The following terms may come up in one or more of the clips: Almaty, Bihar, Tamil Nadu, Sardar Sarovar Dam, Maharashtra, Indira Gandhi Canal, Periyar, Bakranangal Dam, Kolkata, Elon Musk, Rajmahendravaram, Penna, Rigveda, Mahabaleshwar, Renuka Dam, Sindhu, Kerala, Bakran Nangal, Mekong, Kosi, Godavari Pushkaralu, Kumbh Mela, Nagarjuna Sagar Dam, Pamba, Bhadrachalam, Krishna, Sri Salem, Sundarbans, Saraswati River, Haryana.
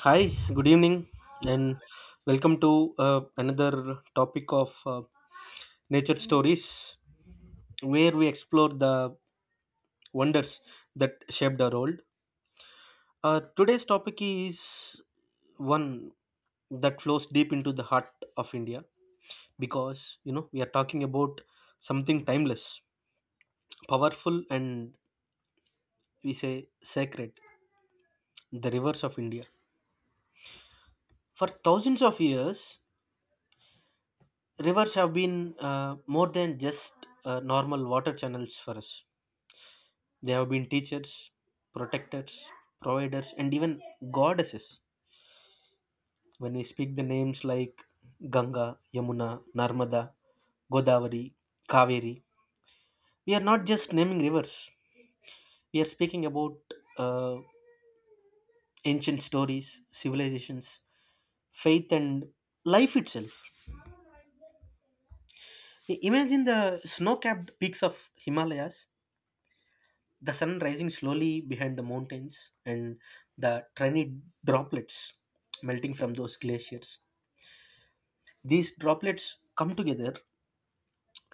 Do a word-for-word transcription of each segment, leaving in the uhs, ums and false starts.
Hi, good evening, and welcome to uh, another topic of uh, nature stories where we explore the wonders that shaped our world. Uh, today's topic is one that flows deep into the heart of India because you know we are talking about something timeless, powerful, and we say sacred the rivers of India. For thousands of years, rivers have been uh, more than just uh, normal water channels for us. They have been teachers, protectors, providers, and even goddesses. When we speak the names like Ganga, Yamuna, Narmada, Godavari, Kaveri, we are not just naming rivers. We are speaking about uh, ancient stories, civilizations, faith, and life itself. Imagine the snow capped peaks of Himalayas, the sun rising slowly behind the mountains, and the tiny droplets melting from those glaciers. These droplets come together,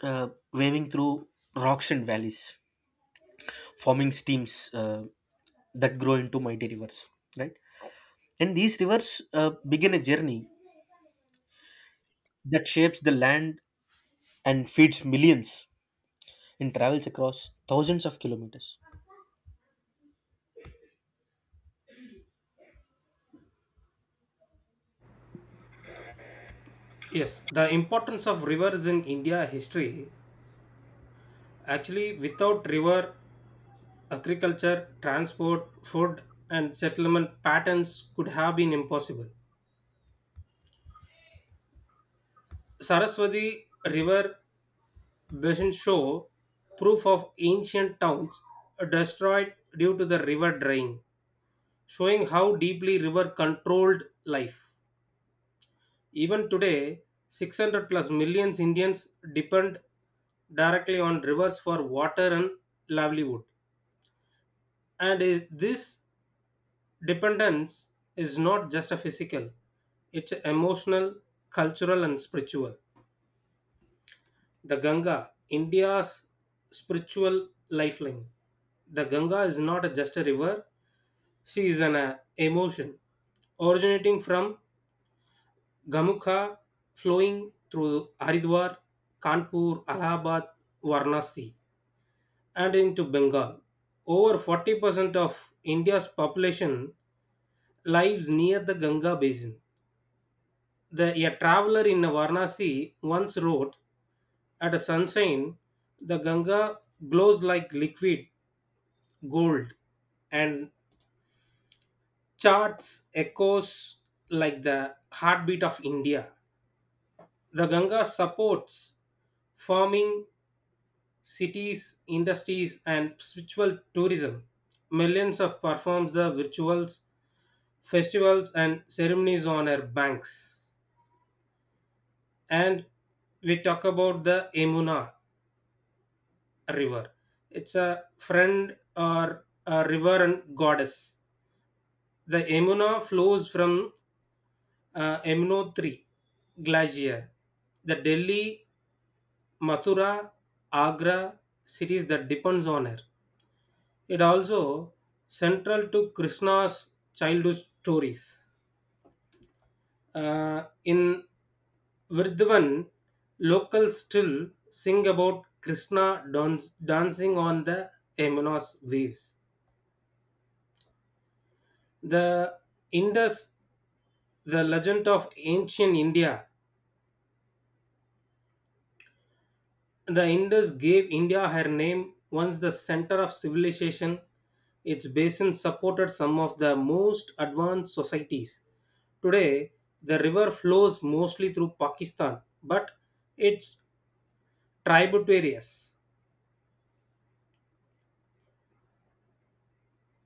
uh, waving through rocks and valleys, forming streams uh, that grow into mighty rivers. Right, and these rivers uh, begin a journey that shapes the land and feeds millions and travels across thousands of kilometers. Yes, the importance of rivers in India history. Actually, without river, agriculture, transport, food, and settlement patterns could have been impossible. Saraswati River basin show proof of ancient towns destroyed due to the river drying, showing how deeply river controlled life. Even today, six hundred plus millions Indians depend directly on rivers for water and livelihood. And i- this dependence is not just a physical, it's emotional, cultural, and spiritual. The Ganga, India's spiritual lifeline. The Ganga is not a- just a river, she is an uh, emotion originating from Gamukha, flowing through Haridwar, Kanpur, Allahabad, Varanasi, and into Bengal. Over forty percent of India's population lives near the Ganga basin. The, a traveler in Varanasi once wrote, "At a sunshine, the Ganga glows like liquid gold and charts echoes like the heartbeat of India." The Ganga supports farming, cities, industries, and spiritual tourism. Millions of performs the rituals, festivals, and ceremonies on her banks. And we talk about the Emuna river. It's a friend or a river and goddess. The Emuna flows from uh, Emuno glacier. The Delhi, Mathura, Agra cities that depends on her. It also central to Krishna's childhood stories. Uh, in Vrindavan, locals still sing about Krishna don- dancing on the Yamuna's waves. The Indus, the legend of ancient India, the Indus gave India her name once the center of civilization. Its basin supported some of the most advanced societies. Today, the river flows mostly through Pakistan, but it's tributaries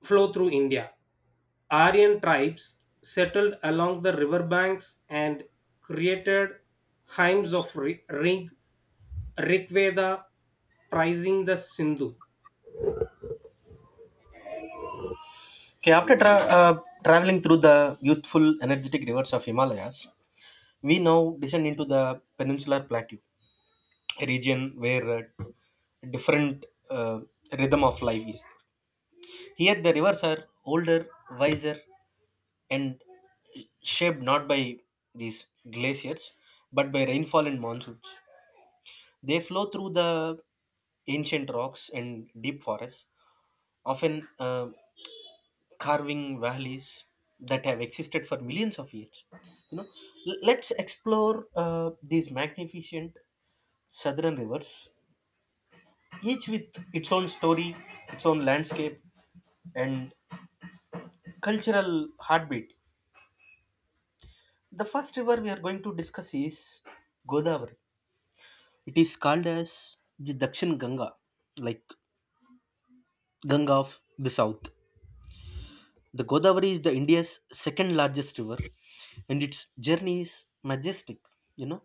flow through India. Aryan tribes settled along the riverbanks and created hymns of Ri- Rig, Rigveda prizing the Sindhu. Okay, after tra- uh, traveling through the youthful, energetic rivers of Himalayas, we now descend into the peninsular plateau, a region where uh, different uh, rhythm of life is. Here, the rivers are older, wiser, and shaped not by these glaciers but by rainfall and monsoons. They flow through the ancient rocks and deep forests, often uh, carving valleys that have existed for millions of years. You know, L- let's explore uh, these magnificent southern rivers, each with its own story, its own landscape, and cultural heartbeat. The first river we are going to discuss is Godavari. It is called as the Dakshin Ganga, like Ganga of the South. The Godavari is the India's second largest river, and its journey is majestic. You know,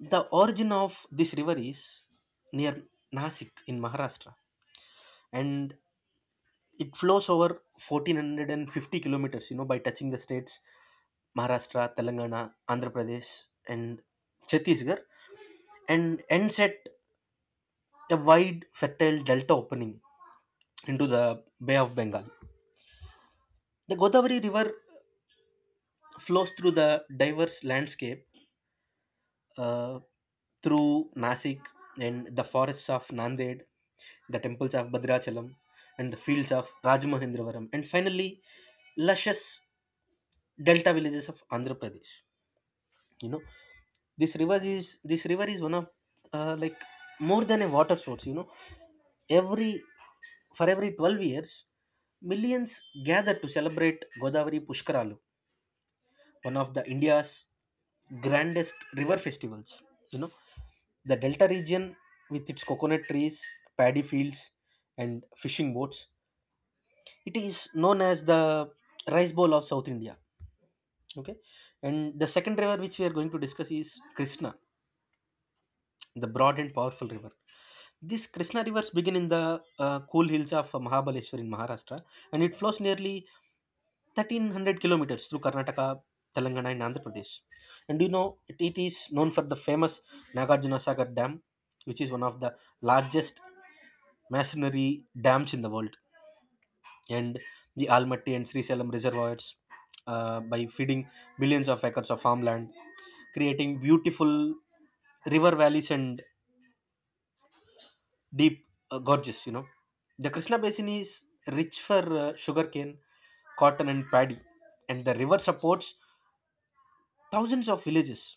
the origin of this river is near Nasik in Maharashtra, and it flows over fourteen fifty kilometers. You know, by touching the states Maharashtra, Telangana, Andhra Pradesh, and Chhattisgarh, and ends at a wide, fertile delta opening into the Bay of Bengal. The Godavari River flows through the diverse landscape uh, through Nasik and the forests of Nanded, the temples of Bhadrachalam, and the fields of Rajmahendravaram, and finally, luscious delta villages of Andhra Pradesh. You know, this river is this river is one of uh, like more than a water source, you know, every for every twelve years, millions gather to celebrate Godavari Pushkaralu, one of the India's grandest river festivals. You know, the delta region, with its coconut trees, paddy fields, and fishing boats, it is known as the rice bowl of South India. Okay, and the second river which we are going to discuss is Krishna, the broad and powerful river. This Krishna rivers begin in the uh, cool hills of Mahabaleshwar in Maharashtra, and it flows nearly thirteen hundred kilometers through Karnataka, Telangana, and Andhra Pradesh. And you know, it, it is known for the famous Nagarjuna Sagar Dam, which is one of the largest masonry dams in the world, and the Almaty and Sri Salem reservoirs, uh, by feeding billions of acres of farmland, creating beautiful river valleys and deep, uh, gorgeous, you know. The Krishna basin is rich for uh, sugarcane, cotton, and paddy, and the river supports thousands of villages.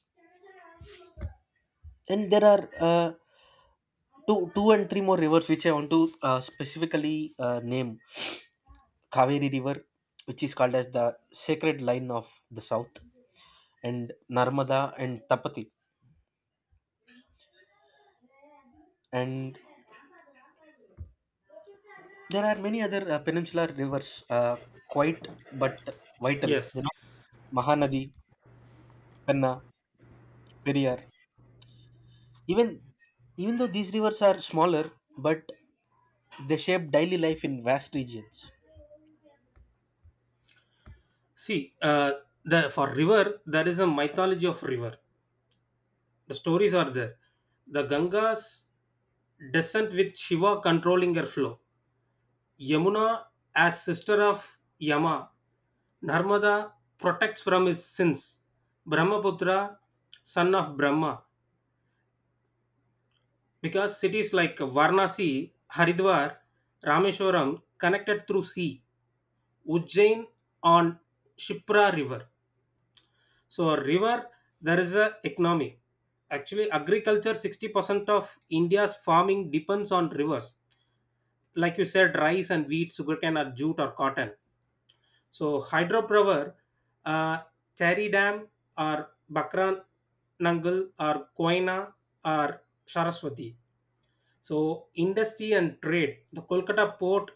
And there are uh, two, two and three more rivers which I want to uh, specifically uh, name: Kaveri River, which is called as the sacred line of the south, and Narmada and Tapati. And there are many other uh, peninsular rivers, uh, quite but vital, you know, Yes. Mahanadi, Penna, Periyar. Even even though these rivers are smaller, but they shape daily life in vast regions. See, uh, the for river there is a mythology of river. The stories are there. The Ganga's descent with Shiva controlling her flow. Yamuna, as sister of Yama, Narmada protects from his sins. Brahmaputra, son of Brahma, because cities like Varanasi, Haridwar, Rameshwaram connected through sea. Ujjain on Shipra river. So a river there is a economy. Actually, agriculture sixty percent of India's farming depends on rivers. Like you said, rice and wheat, sugarcane or jute or cotton. So hydropower, uh, Chari Dam or Bakran Nangal or Koina or Saraswati. So industry and trade, the Kolkata port,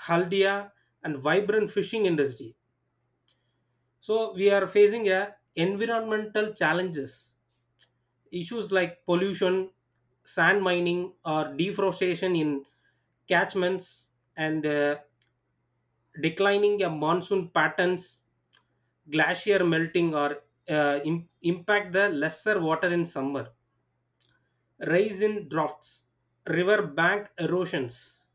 Haldia and vibrant fishing industry. So we are facing a environmental challenges, issues like pollution, sand mining or deforestation in catchments and uh, declining a monsoon patterns, glacier melting, or uh, im- impact the lesser water in summer. Rise in drafts, river bank erosions,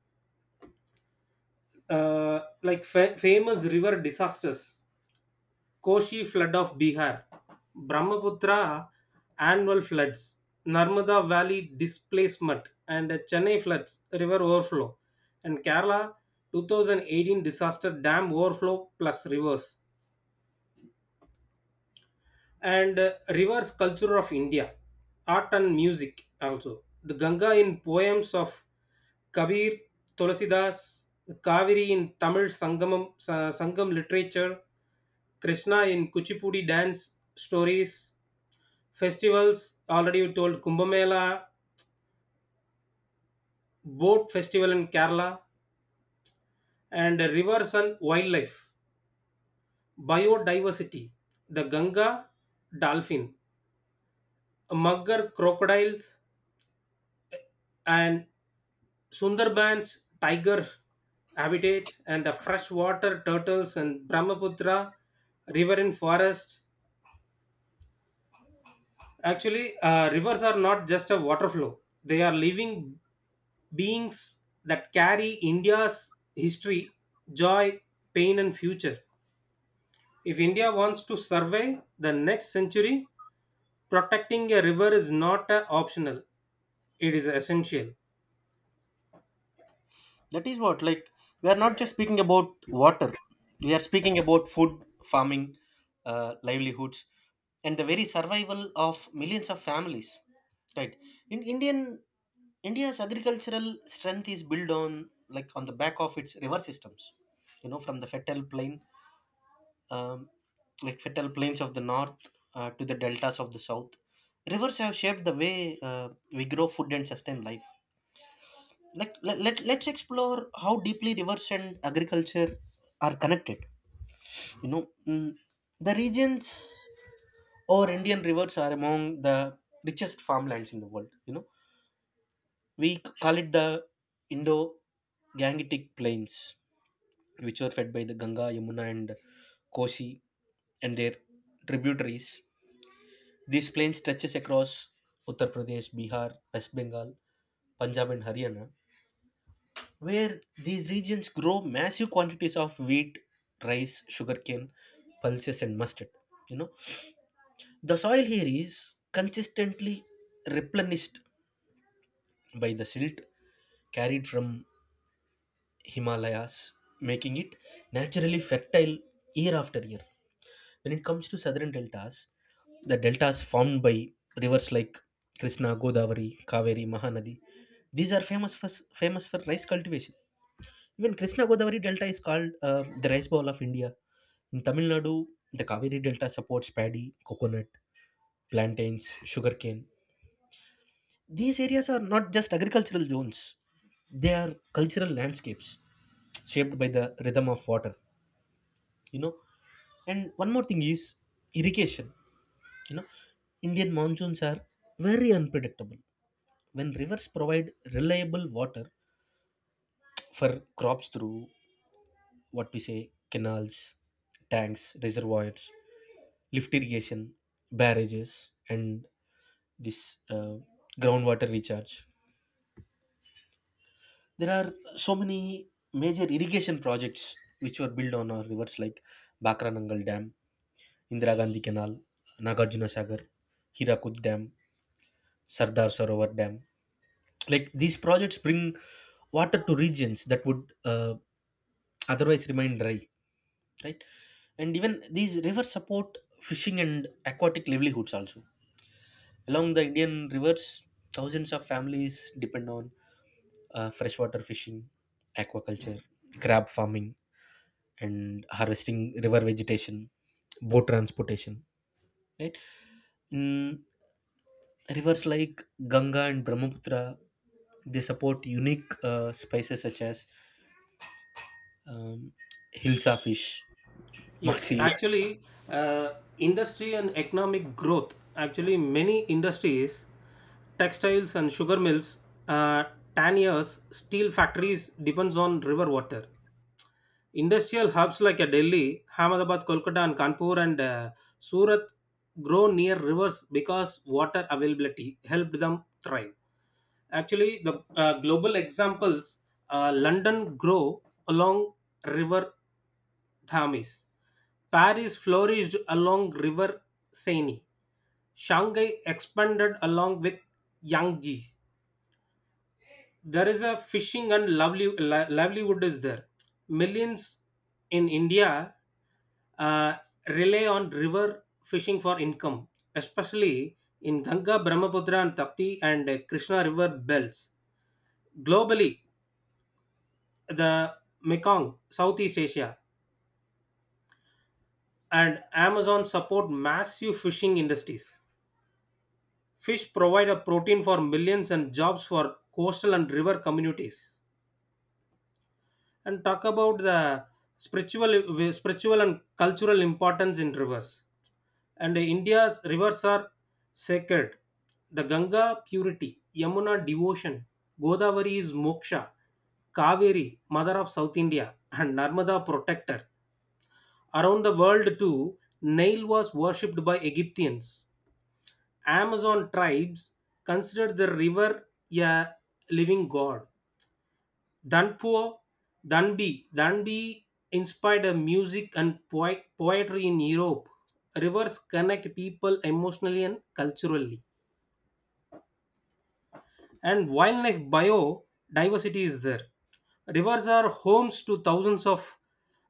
uh, like fa- famous river disasters, Koshi flood of Bihar, Brahmaputra annual floods, Narmada Valley displacement, and Chennai floods, river overflow, and Kerala twenty eighteen disaster dam overflow plus rivers and uh, reverse culture of India, art and music also. The Ganga in poems of Kabir, Tulasidas, Kaveri in Tamil Sangamam, Sa- Sangam literature, Krishna in Kuchipudi dance stories, festivals already you told Kumbh Mela, boat festival in Kerala, and rivers and wildlife, biodiversity, the Ganga dolphin, mugger crocodiles, and Sundarbans tiger habitat and the freshwater turtles and Brahmaputra riverine forest. Actually, uh, rivers are not just a water flow; they are living beings that carry India's history, joy, pain, and future. If India wants to survey the next century, protecting a river is not a optional; it is essential. That is what, like, we are not just speaking about water. We are speaking about food, farming, uh, livelihoods, and the very survival of millions of families. Right. In Indian India's agricultural strength is built on, like, on the back of its river systems. You know, from the fertile plain um, like fertile plains of the north uh, to the deltas of the south. Rivers have shaped the way uh, we grow food and sustain life. Like, let, let, let's explore how deeply rivers and agriculture are connected. You know, mm, the regions or Indian rivers are among the richest farmlands in the world. You know, we c- call it the Indo Gangetic Plains, which were fed by the Ganga, Yamuna, and Kosi and their tributaries. This plain stretches across Uttar Pradesh, Bihar, West Bengal, Punjab, and Haryana, where these regions grow massive quantities of wheat, rice, sugarcane, pulses, and mustard. You know, the soil here is consistently replenished by the silt carried from Himalayas, making it naturally fertile year after year. When it comes to southern deltas, the deltas formed by rivers like Krishna, Godavari, Kaveri, Mahanadi, these are famous for, famous for rice cultivation. Even Krishna Godavari Delta is called uh, the rice bowl of India. In Tamil Nadu, the Kaveri Delta supports paddy, coconut, plantains, sugarcane. These areas are not just agricultural zones, they are cultural landscapes shaped by the rhythm of water, you know. And one more thing is irrigation. You know, Indian monsoons are very unpredictable. When rivers provide reliable water for crops through what we say canals, tanks, reservoirs, lift irrigation, barrages, and this uh, groundwater recharge. There are so many major irrigation projects which were built on our rivers like Bakranangal Dam, Indira Gandhi Canal, Nagarjuna Sagar, Hirakud Dam, Sardar Sarovar Dam. Like, these projects bring water to regions that would uh, otherwise remain dry, right? And even these rivers support fishing and aquatic livelihoods also. Along the Indian rivers, thousands of families depend on uh, freshwater fishing, aquaculture, crab farming, and harvesting river vegetation, boat transportation, right? In rivers like Ganga and Brahmaputra, they support unique uh, spices such as um, hilsa fish, Yes, masi. actually, uh, industry and economic growth. Actually, many industries, textiles and sugar mills, uh, tanniers, steel factories depends on river water. Industrial hubs like uh, Delhi, Ahmedabad, Kolkata, and Kanpur and uh, Surat grow near rivers because water availability helped them thrive. Actually, the uh, global examples, uh, London grow along river Thames. Paris flourished along River Seine. Shanghai expanded along with Yangtze. There is a fishing and lovely li- livelihood is there. Millions in India uh, rely on river fishing for income, especially in Ganga, Brahmaputra, and Tapti and uh, Krishna river belts. Globally, the Mekong, Southeast Asia, and Amazon support massive fishing industries. Fish provide a protein for millions and jobs for coastal and river communities. And talk about the spiritual, spiritual and cultural importance in rivers. And India's rivers are sacred. The Ganga purity, Yamuna devotion, Godavari is moksha, Kaveri mother of South India, and Narmada protector. Around the world too, Nile was worshipped by Egyptians. Amazon tribes considered the river a living god. Danpo, Danbi, Danbi inspired a music and poe- poetry in Europe. Rivers connect people emotionally and culturally. And wildlife biodiversity is there. Rivers are homes to thousands of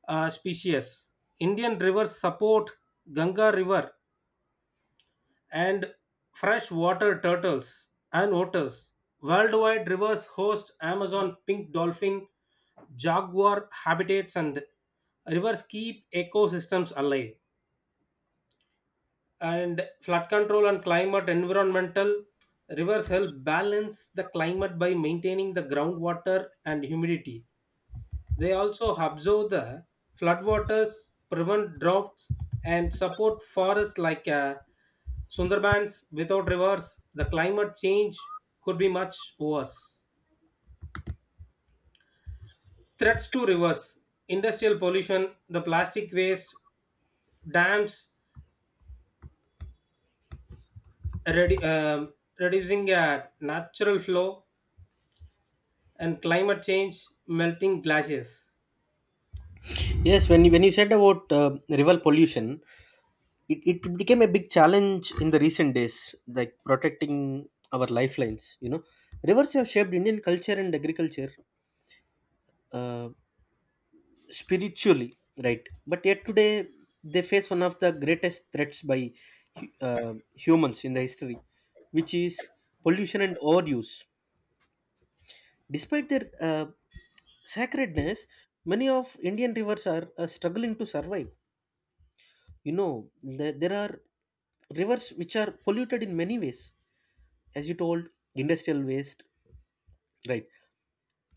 uh, species. Indian rivers support Ganga River and freshwater turtles and otters. Worldwide, rivers host Amazon pink dolphin, jaguar habitats, and rivers keep ecosystems alive. And flood control and climate environmental rivers help balance the climate by maintaining the groundwater and humidity. They also absorb the floodwaters, prevent droughts, and support forests like uh, Sundarbans. Without rivers, the climate change could be much worse. Threats to rivers, industrial pollution, the plastic waste, dams, redu- um, reducing uh, natural flow, and climate change, melting glaciers. Yes, when you, when you said about uh, river pollution, it, it became a big challenge in the recent days, like protecting our lifelines. You know, rivers have shaped Indian culture and agriculture uh, spiritually, right? But yet today, they face one of the greatest threats by hu- uh, humans in the history, which is pollution and overuse. Despite their uh, sacredness, many of Indian rivers are uh, struggling to survive. You know, there, there are rivers which are polluted in many ways, as you told, industrial waste, right?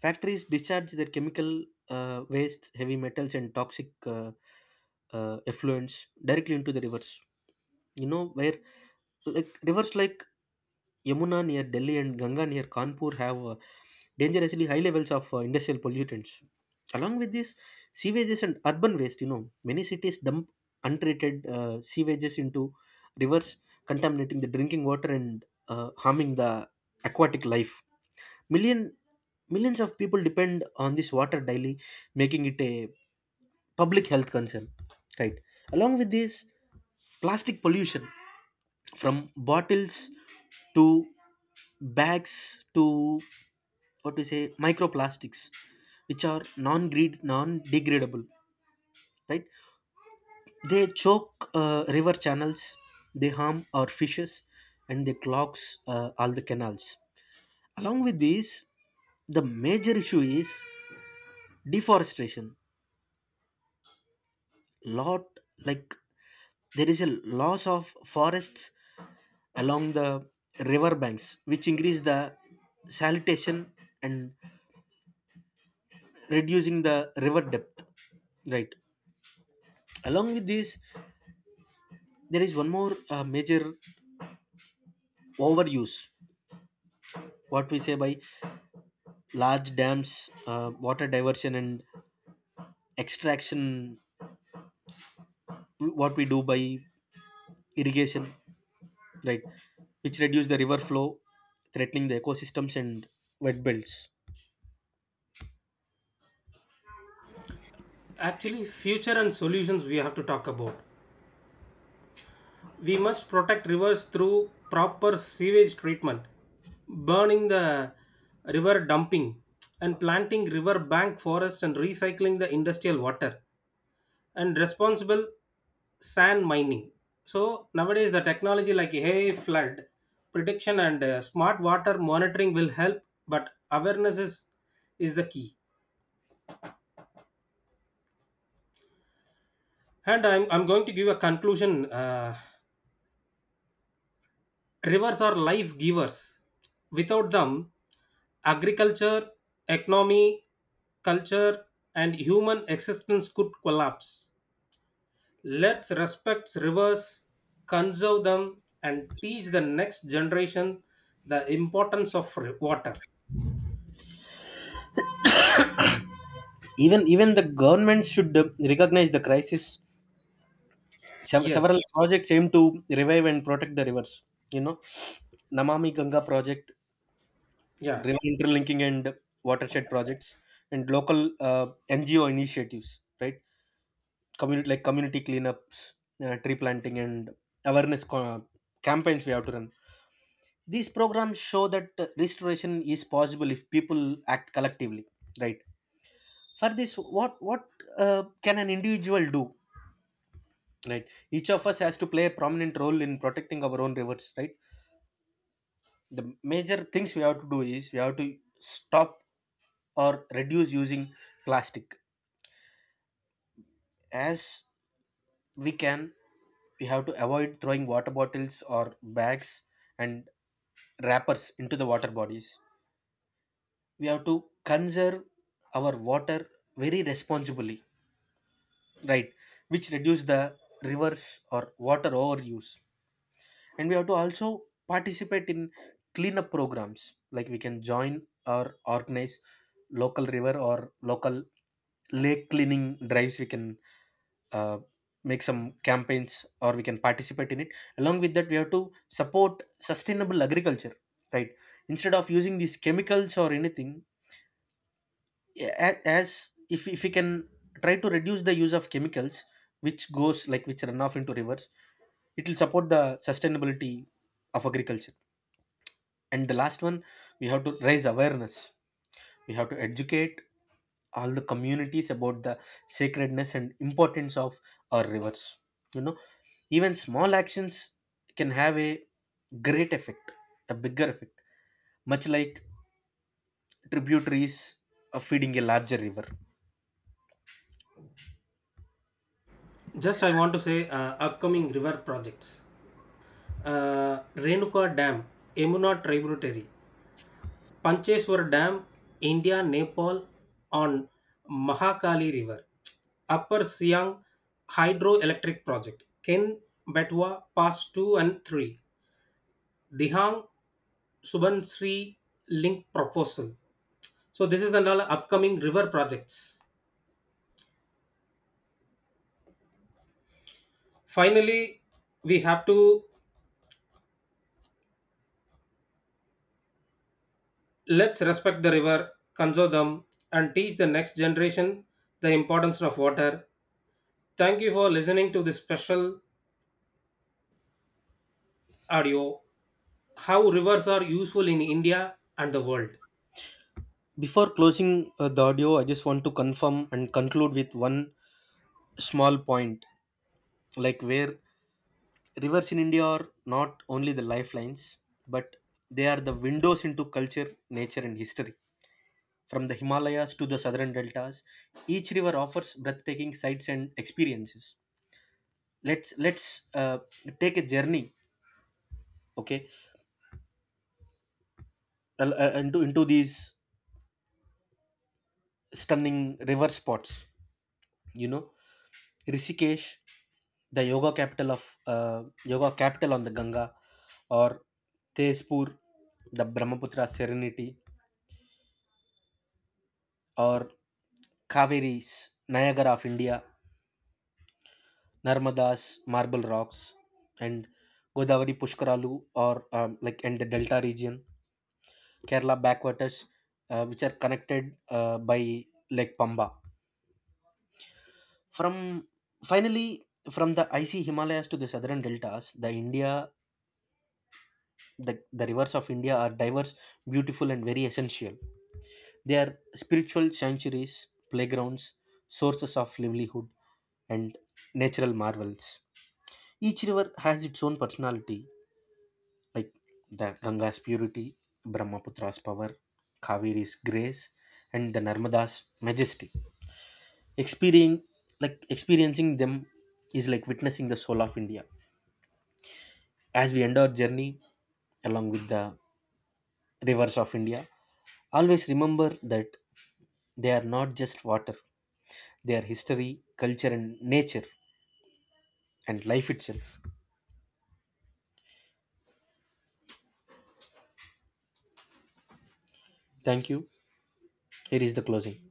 Factories discharge their chemical uh, waste, heavy metals, and toxic uh, uh, effluents directly into the rivers. You know where, like, rivers like Yamuna near Delhi and Ganga near Kanpur have uh, dangerously high levels of uh, industrial pollutants. Along with this, sewages and urban waste, you know, many cities dump untreated uh, sewages into rivers, contaminating the drinking water and uh, harming the aquatic life. Million, millions of people depend on this water daily, making it a public health concern. Right. Along with this, plastic pollution from bottles to bags to what we say microplastics, which are non-greed, non-degradable. Right. They choke uh, river channels. They harm our fishes, and they clogs uh, all the canals. Along with this, the major issue is deforestation. Lot, like, there is a loss of forests along the river banks which increase the salitation and reducing the river depth, right? Along with this, there is one more uh, major overuse, what we say, by large dams, uh, water diversion and extraction, what we do by irrigation, right? Which reduce the river flow, threatening the ecosystems and wet belts. Actually, future and solutions we have to talk about. We must protect rivers through proper sewage treatment, burning the river dumping, and planting river bank forest and recycling the industrial water, and responsible sand mining. So nowadays, the technology like hey flood prediction and uh, smart water monitoring will help, but awareness is is the key. And I'm I'm going to give a conclusion. Uh, Rivers are life givers. Without them, agriculture, economy, culture, and human existence could collapse. Let's respect rivers, conserve them, and teach the next generation the importance of ri- water. Even even the government should uh, recognize the crisis. Sev- Several Yes, projects aim to revive and protect the rivers. You know, Namami Ganga project, yeah. river interlinking and watershed projects, and local uh, N G O initiatives, right? Community, like community cleanups, uh, tree planting, and awareness co- campaigns we have to run. These programs show that uh, restoration is possible if people act collectively, right? For this, what what uh, can an individual do? Right. Each of us has to play a prominent role in protecting our own rivers, right? The major things we have to do is we have to stop or reduce using plastic as we can. We have to avoid throwing water bottles or bags and wrappers into the water bodies. We have to conserve our water very responsibly, right? Which reduce the rivers or water overuse. And we have to also participate in cleanup programs. Like, we can join or organize local river or local lake cleaning drives. We can uh, make some campaigns, or we can participate in it. Along with that, we have to support sustainable agriculture, right? Instead of using these chemicals or anything, yeah, a- as if, if we can try to reduce the use of chemicals which goes like, which run off into rivers, it will support the sustainability of agriculture. And the last one, we have to raise awareness. We have to educate all the communities about the sacredness and importance of our rivers. You know, even small actions can have a great effect, a bigger effect, much like tributaries of feeding a larger river. Just I want to say uh, upcoming river projects. Uh, Renuka Dam, Emuna Tributary, Pancheshwar Dam, India, Nepal on Mahakali River. Upper Siang Hydroelectric Project. Ken Betwa Pass two and three. Dihang Subansri Link Proposal. So this is another upcoming river projects. Finally, we have to let's respect the river, conserve them, and teach the next generation the importance of water. Thank you for listening to this special audio, how rivers are useful in India and the world. Before closing uh, the audio, I just want to confirm and conclude with one small point, like, where rivers in India are not only the lifelines, but they are the windows into culture, nature, and history. From the Himalayas to the southern deltas, each river offers breathtaking sights and experiences. Let's let's uh, take a journey, okay, uh, uh, into into these stunning river spots. You know, Rishikesh, the yoga capital of uh, yoga capital on the Ganga, or Tezpur, the Brahmaputra Serenity, or Kaveri's Niagara of India, Narmada's Marble Rocks, and Godavari Pushkaralu, or um, like, and the Delta region, Kerala backwaters, uh, which are connected uh, by Lake Pamba. From finally, from the icy Himalayas to the southern deltas, the India The, the rivers of India are diverse, beautiful, and very essential. They are spiritual sanctuaries, playgrounds, sources of livelihood, and natural marvels. Each river has its own personality, like the Ganga's purity, Brahmaputra's power, Kaveri's grace, and the Narmada's majesty. Experiencing, like experiencing them is like witnessing the soul of India. As we end our journey along with the rivers of India, always remember that they are not just water, they are history, culture, and nature, and life itself. Thank you. Here is the closing.